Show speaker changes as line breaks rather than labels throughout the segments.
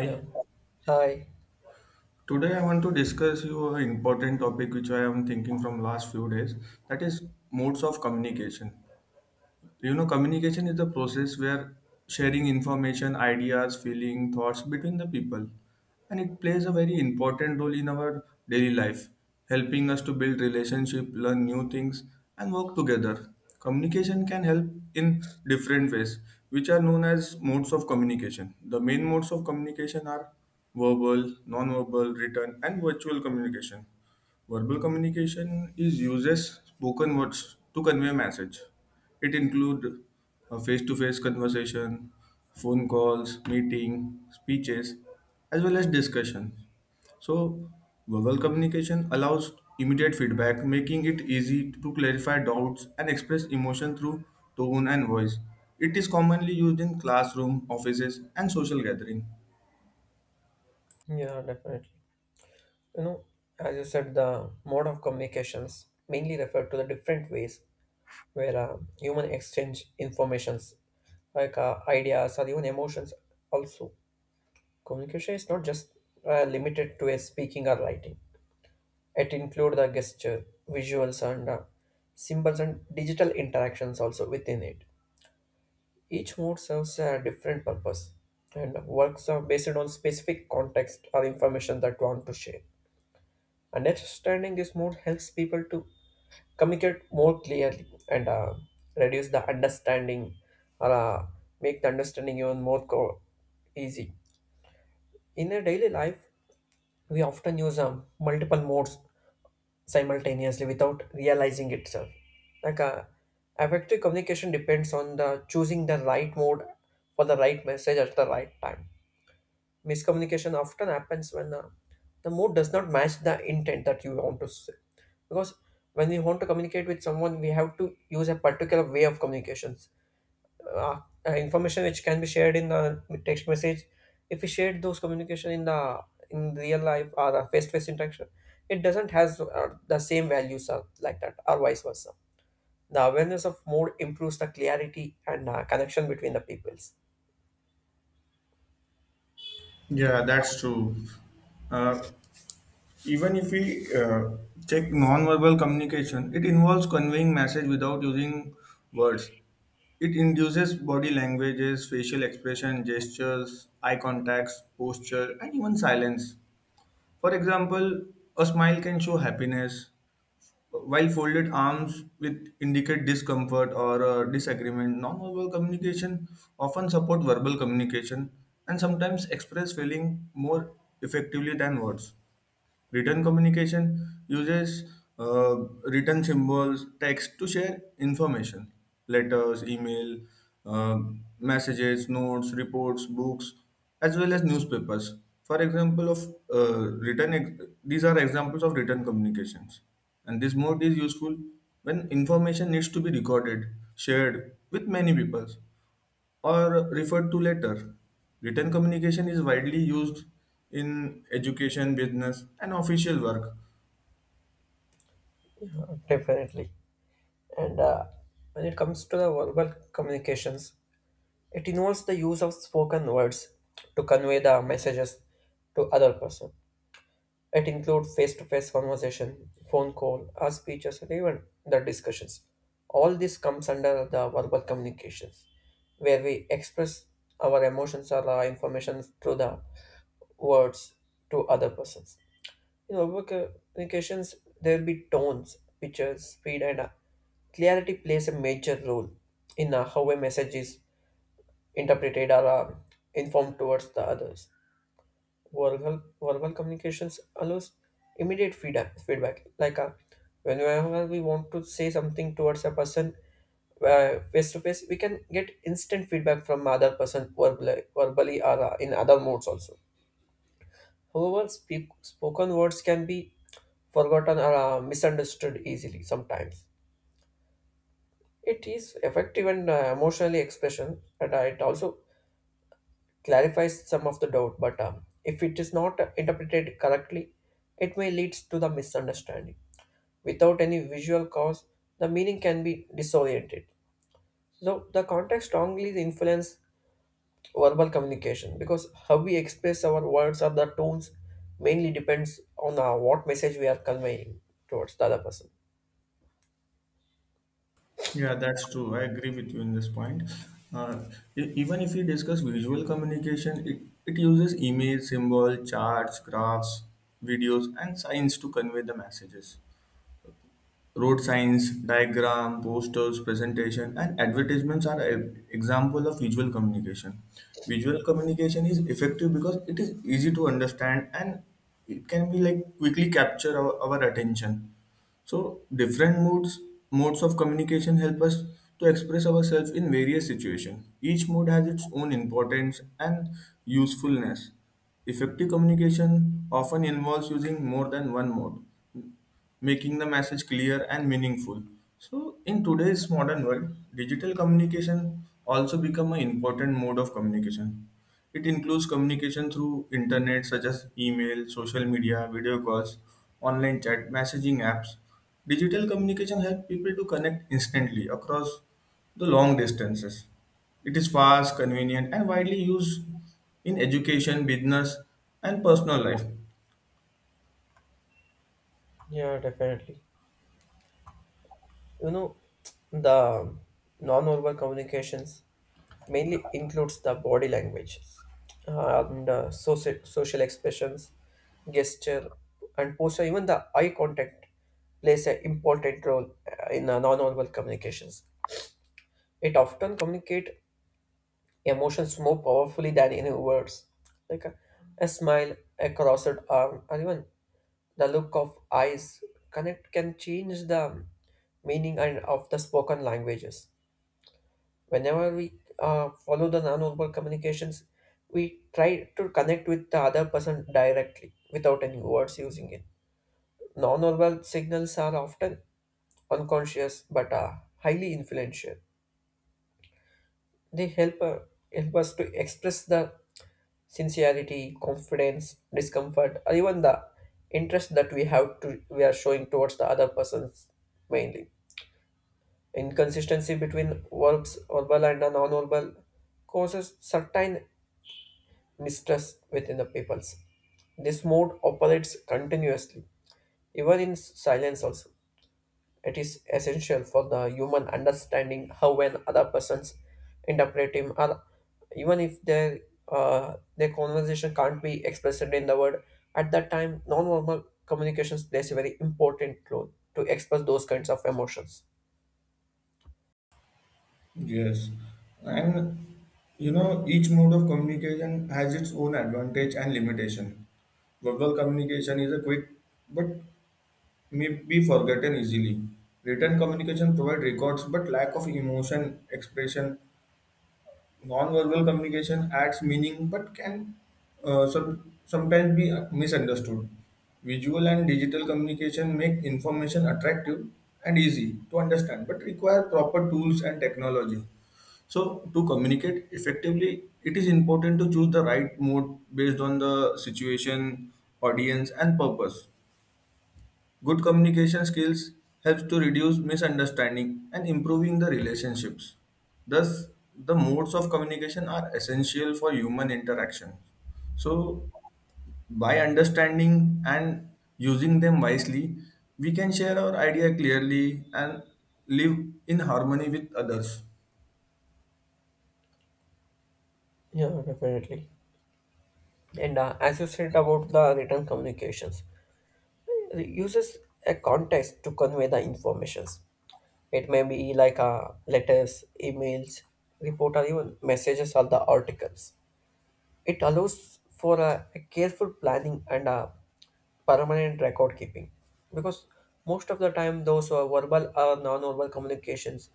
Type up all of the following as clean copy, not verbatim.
Yeah. Hi.
Today I want to discuss you an important topic which I am thinking from last few days, that is modes of communication. Communication is the process where sharing information, ideas, feeling, thoughts between the people, and it plays a very important role in our daily life, helping us to build relationship, learn new things, and work together. Communication can help in different ways which are known as modes of communication. The main modes of communication are verbal, non-verbal, written, and virtual communication. Verbal communication is uses spoken words to convey a message. It includes a face-to-face conversation, phone calls, meeting, speeches, as well as discussions. So, verbal communication allows immediate feedback, making it easy to clarify doubts and express emotion through tone and voice. It is commonly used in classroom, offices, and social gathering.
Yeah, definitely. You know, as you said, the mode of communications mainly refer to the different ways where human exchange informations like ideas or even emotions also. Communication is not just limited to a speaking or writing. It includes the gesture, visuals, and symbols and digital interactions also within it. Each mode serves a different purpose and works are based on specific context or information that we want to share. Understanding this mode helps people to communicate more clearly and reduce the understanding or make the understanding even more easy. In a daily life, we often use multiple modes simultaneously without realizing itself. Like effective communication depends on the choosing the right mode for the right message at the right time. Miscommunication often happens when the mood does not match the intent that you want to say, because when we want to communicate with someone we have to use a particular way of communications. uh, Information which can be shared in the text message, if we shared those communication in the in real life or a face-to-face interaction, it doesn't has the same values or like that, or vice versa. The awareness of mood improves the clarity and connection between the peoples.
Yeah, that's true. Uh, Even if we check non-verbal communication, it involves conveying message without using words. It induces body languages, facial expression, gestures, eye contacts, posture, and even silence. For example, a smile can show happiness, while folded arms with indicate discomfort or disagreement. Non-verbal communication often support verbal communication and sometimes express feeling more effectively than words. Written communication uses uh, written symbols, text to share information, letters, email, uh, messages, notes, reports, books, as well as newspapers. For example, of written, ex- These are examples of written communications, and this mode is useful when information needs to be recorded, shared with many people, or referred to later. Written communication is widely used in education, business, and official work.
Definitely. And when it comes to the verbal communications, it involves the use of spoken words to convey the messages to other person. It includes face-to-face conversation, phone call, or speeches, and even the discussions. All this comes under the verbal communications, where we express our emotions or our information through the words to other persons. In verbal communications, there will be tones, pictures, speed, and clarity plays a major role in how a message is interpreted or informed towards the others. Verbal communications allows immediate feedback. Like whenever we want to say something towards a person face to face, we can get instant feedback from other person verbally or in other modes also. However, spoken words can be forgotten or misunderstood easily sometimes. It is effective and emotionally expression, and it also clarifies some of the doubt. But if it is not interpreted correctly, it may lead to the misunderstanding. Without any visual cause, the meaning can be disoriented. So the context strongly influences verbal communication, because how we express our words or the tones mainly depends on what message we are conveying towards the other person.
Yeah, that's true. I agree with you in this point. Uh, Even if we discuss visual communication, it uses image, symbol, charts, graphs, videos, and signs to convey the messages. Road signs, diagram, posters, presentation, and advertisements are an example of visual communication. Visual communication is effective because it is easy to understand and it can be like quickly capture our attention. So different modes of communication help us to express ourselves in various situations. Each mode has its own importance and usefulness. Effective communication often involves using more than one mode, making the message clear and meaningful. So in today's modern world, digital communication also become an important mode of communication. It includes communication through internet such as email, social media, video calls, online chat, messaging apps. Digital communication helps people to connect instantly across the long distances. It is fast, convenient, and widely used in education, business, and personal life.
Yeah, definitely. You know, the non-verbal communications mainly includes the body languages and uh, social expressions, gesture, and posture. Even the eye contact plays an important role in non-verbal communications. It often communicate emotions more powerfully than any words. Like a smile, a crossed arm, or even the look of eyes connect can change the meaning and of the spoken languages. Whenever we follow the nonverbal communications, we try to connect with the other person directly without any words using it. Nonverbal signals are often unconscious but are highly influential. They help us to express the sincerity, confidence, discomfort, or even the interest that we have to we are showing towards the other persons mainly. Inconsistency between verbal and the non-verbal, causes certain mistrust within the peoples. This mode operates continuously, even in silence also. It is essential for the human understanding how an other person's interpret him, or even if their conversation can't be expressed in the word. At that time, non-verbal communications plays a very important role to express those kinds of emotions.
Yes, and you know, each mode of communication has its own advantage and limitation. Verbal communication is a quick but may be forgotten easily. Written communication provides records, but lack of emotion expression. Non-verbal communication adds meaning, but can sometimes be misunderstood. Visual and digital communication make information attractive and easy to understand, but require proper tools and technology. So, to communicate effectively, it is important to choose the right mode based on the situation, audience, and purpose. Good communication skills helps to reduce misunderstanding and improving the relationships. Thus, the modes of communication are essential for human interaction. So, by understanding and using them wisely, we can share our idea clearly and live in harmony with others.
Yeah, definitely. And as you said about the written communications, it uses a context to convey the informations. It may be like letters, emails, report, or even messages or the articles. It allows for a careful planning and a permanent record keeping, because most of the time those who verbal or non-verbal communications,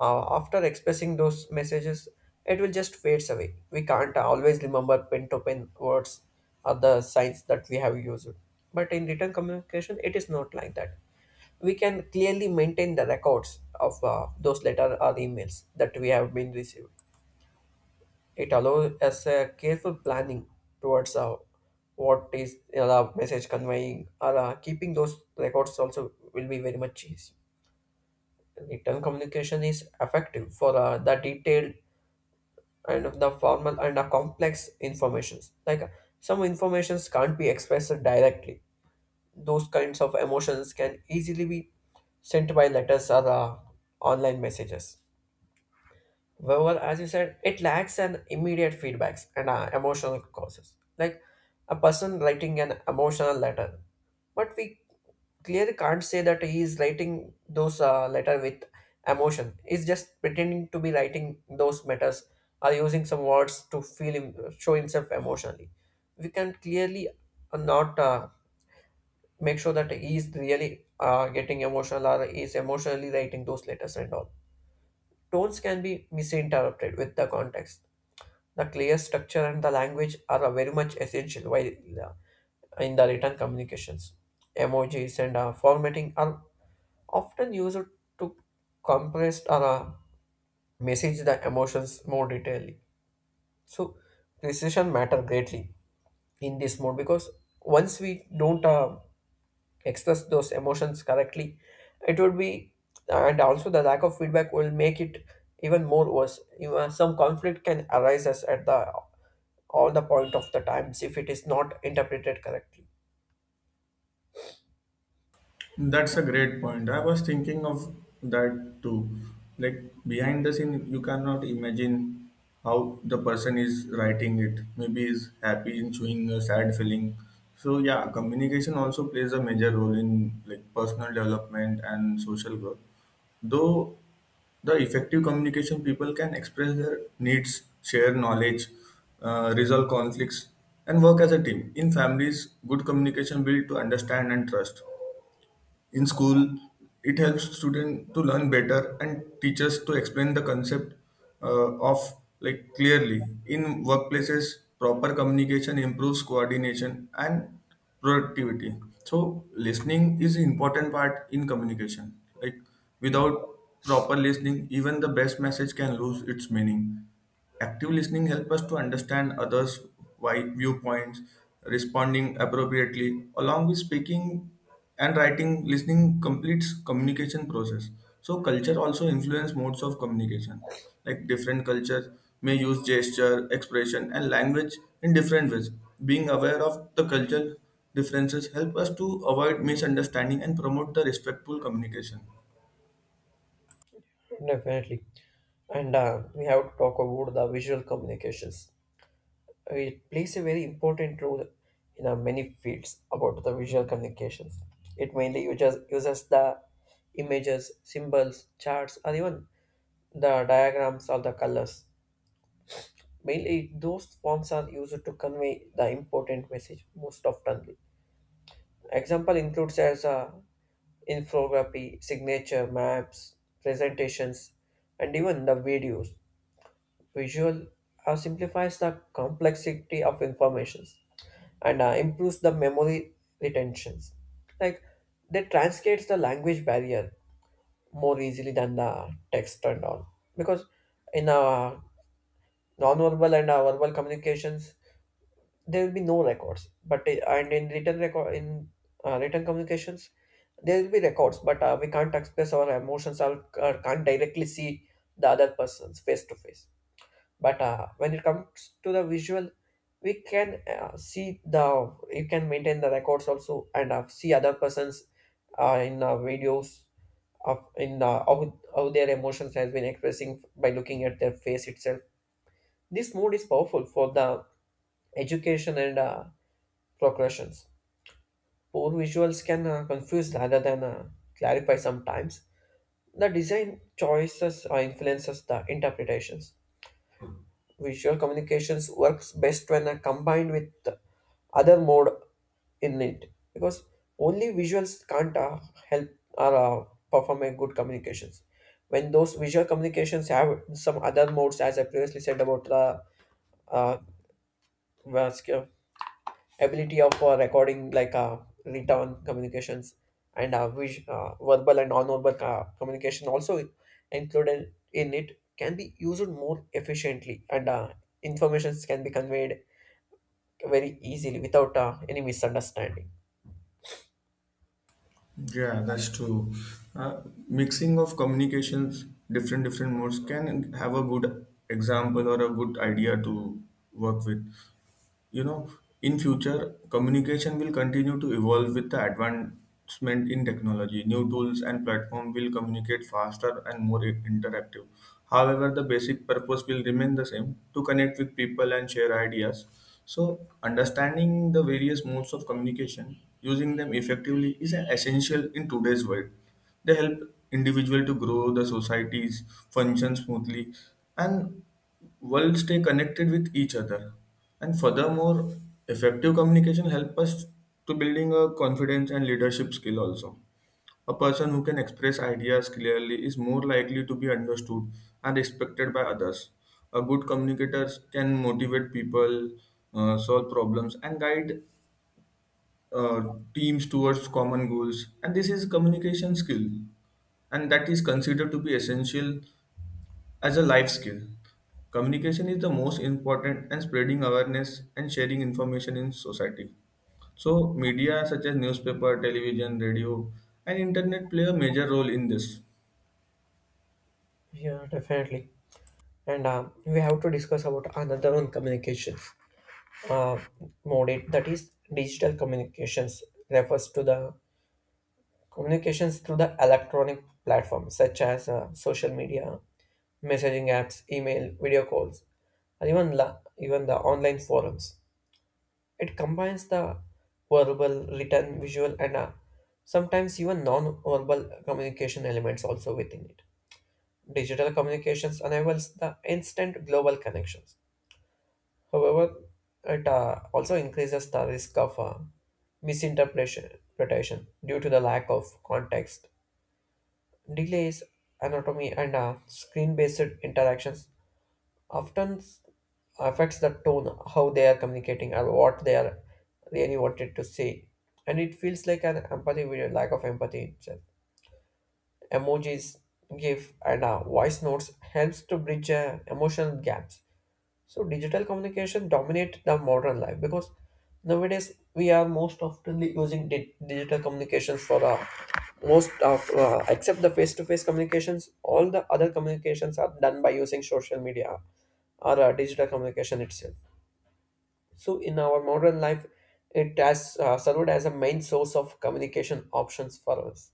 after expressing those messages, it will just fades away. We can't always remember pen to pen words or the signs that we have used. But in written communication it is not like that. We can clearly maintain the records of those letter or emails that we have been received. It allows us a careful planning towards what is message conveying or keeping those records also will be very much easy. Written communication is effective for the detailed and the formal and the complex informations. Like some informations can't be expressed directly. Those kinds of emotions can easily be sent by letters or online messages. However, as you said, it lacks an immediate feedbacks and emotional causes, like a person writing an emotional letter. But we clearly can't say that he is writing those letter with emotion. He's just pretending to be writing those matters, or using some words to feel him, show himself emotionally. We can clearly not make sure that he is really getting emotional or is emotionally writing those letters and all. Tones can be misinterpreted with the context. The clear structure and the language are very much essential while uh, in the written communications. Emojis and formatting are often used to compress or message the emotions more detailedly. So precision matter greatly in this mode, because once we don't express those emotions correctly, it would be, and also the lack of feedback will make it even more worse. You know, some conflict can arise as at the all the point of the times if it is not interpreted correctly.
That's a great point. I was thinking of that too. Like behind the scene, you cannot imagine how the person is writing it. Maybe is happy and showing a sad feeling. So yeah, communication also plays a major role in like personal development and social growth. Though the effective communication people can express their needs, share knowledge, resolve conflicts, and work as a team. In families, good communication builds to understand and trust. In school, it helps students to learn better and teachers to explain the concept of like clearly. In workplaces, proper communication improves coordination and productivity. So listening is an important part in communication. Like without proper listening, even the best message can lose its meaning. Active listening helps us to understand others' viewpoints, responding appropriately, along with speaking and writing. Listening completes communication process. So culture also influence modes of communication. Like different cultures may use gesture, expression, and language in different ways. Being aware of the culture differences help us to avoid misunderstanding and promote the respectful communication.
Definitely. And we have to talk about the visual communications. It plays a very important role in many fields. About the visual communications, it mainly uses the images, symbols, charts, or even the diagrams or the colors. Mail is those forms are used to convey the important message most often. Example includes as a infography, signature, maps, presentations, and even the videos. Visual simplifies the complexity of information and improves the memory retentions. Like, they translates the language barrier more easily than the text and all, because in our non-verbal and our verbal communications there will be no records. But and in written record, in written communications, there will be records, but we can't express our emotions, or can't directly see the other person's face to face. But when it comes to the visual, we can see the, you can maintain the records also and see other persons in videos of in how their emotions has been expressing by looking at their face itself. This mode is powerful for the education and progressions. Poor visuals can confuse rather than clarify sometimes. The design choices influences the interpretations. Visual communications works best when combined with the other mode in it, because only visuals can't help or perform a good communications. When those visual communications have some other modes, as I previously said about the uh, ability of recording like written communications and verbal and non-verbal communication also included in it, can be used more efficiently and informations can be conveyed very easily without any misunderstanding.
Yeah, that's true. Uh, Mixing of communications, different modes can have a good example or a good idea to work with. You know, in future communication will continue to evolve with the advancement in technology. New tools and platform will communicate faster and more interactive. However, the basic purpose will remain the same, to connect with people and share ideas. So understanding the various modes of communication using them effectively is an essential in today's world. They help individual to grow, the societies function smoothly, and world stay connected with each other. And furthermore, effective communication help us to building a confidence and leadership skill also. A person who can express ideas clearly is more likely to be understood and respected by others. A good communicator can motivate people, solve problems, and guide uh, teams towards common goals. And this is communication skill and that is considered to be essential as a life skill. Communication is the most important and spreading awareness and sharing information in society. So media such as newspaper, television, radio, and internet play a major role in this.
Yeah, definitely. And we have to discuss about another one communications uh, mode, it that is digital communications, refers to the communications through the electronic platforms such as social media, messaging apps, email, video calls, or even the online forums. It combines the verbal, written, visual, and sometimes even non-verbal communication elements also within it. Digital communications enables the instant global connections. However, it also increases the risk of misinterpretation due to the lack of context. Delays, anatomy, and screen-based interactions often s- affects the tone, how they are communicating, or what they are really wanted to say. And it feels like an empathy with a lack of empathy itself. Emojis, GIF, and voice notes helps to bridge emotional gaps. So digital communication dominate the modern life, because nowadays we are most oftenly using digital communications for most of except the face-to-face communications. All the other communications are done by using social media or digital communication itself. So in our modern life, it has served as a main source of communication options for us.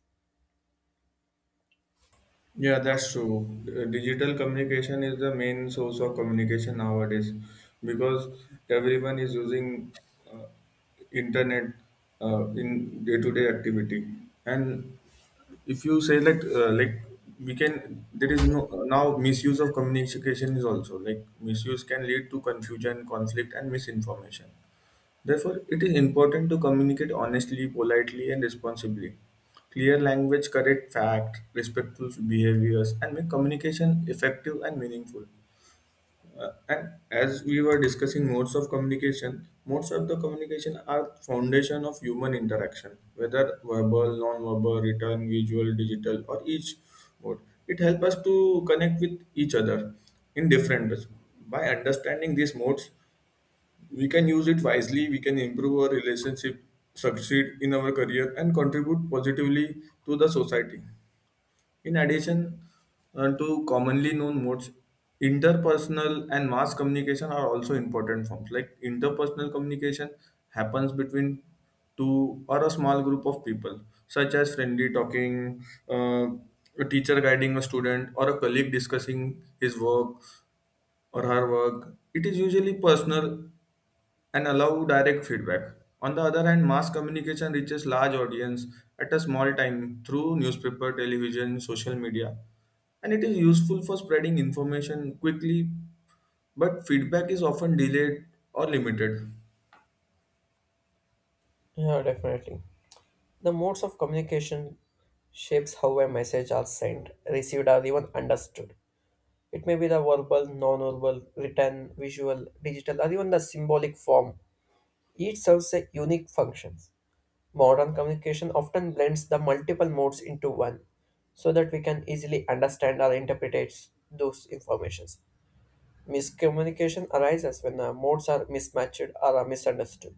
Yeah, that's true. Digital communication is the main source of communication nowadays because everyone is using internet in day-to-day activity. And if you say that like we can, there is no now misuse of communication is also like misuse can lead to confusion, conflict, and misinformation. Therefore it is important to communicate honestly, politely, and responsibly. Clear language, correct fact, respectful behaviors and make communication effective and meaningful. And as we were discussing modes of communication, modes of the communication are foundation of human interaction, whether verbal, non-verbal, written, visual, digital, or each mode. It helps us to connect with each other in different ways. By understanding these modes, we can use it wisely. We can improve our relationship, succeed in our career, and contribute positively to the society. In addition to commonly known modes, interpersonal and mass communication are also important forms. Like interpersonal communication happens between two or a small group of people, such as friendly talking, uh, a teacher guiding a student, or a colleague discussing his work or her work. It is usually personal and allow direct feedback. On the other hand, mass communication reaches large audience at a small time through newspaper, television, social media, and it is useful for spreading information quickly, but feedback is often delayed or limited.
Yeah, definitely. The modes of communication shapes how a message are sent, received, or even understood. It may be the verbal, non-verbal, written, visual, digital, or even the symbolic form. Each serves a unique function. Modern communication often blends the multiple modes into one, so that we can easily understand or interpret those informations. Miscommunication arises when the modes are mismatched or are misunderstood.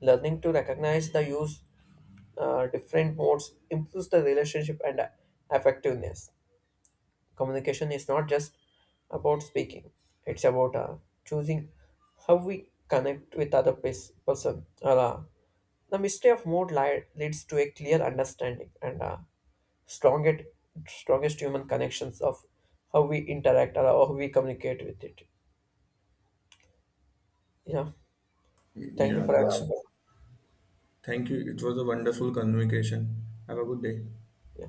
Learning to recognize the use different modes improves the relationship and effectiveness. Communication is not just about speaking; it's about choosing how we connect with other person. The mystery of mood leads to a clear understanding and strongest strongest human connections of how we interact or how we communicate with it. Yeah. Thank you
Yeah,
for.
that's
Having me.
thank you. It was a wonderful communication. Have a good day.
Yeah.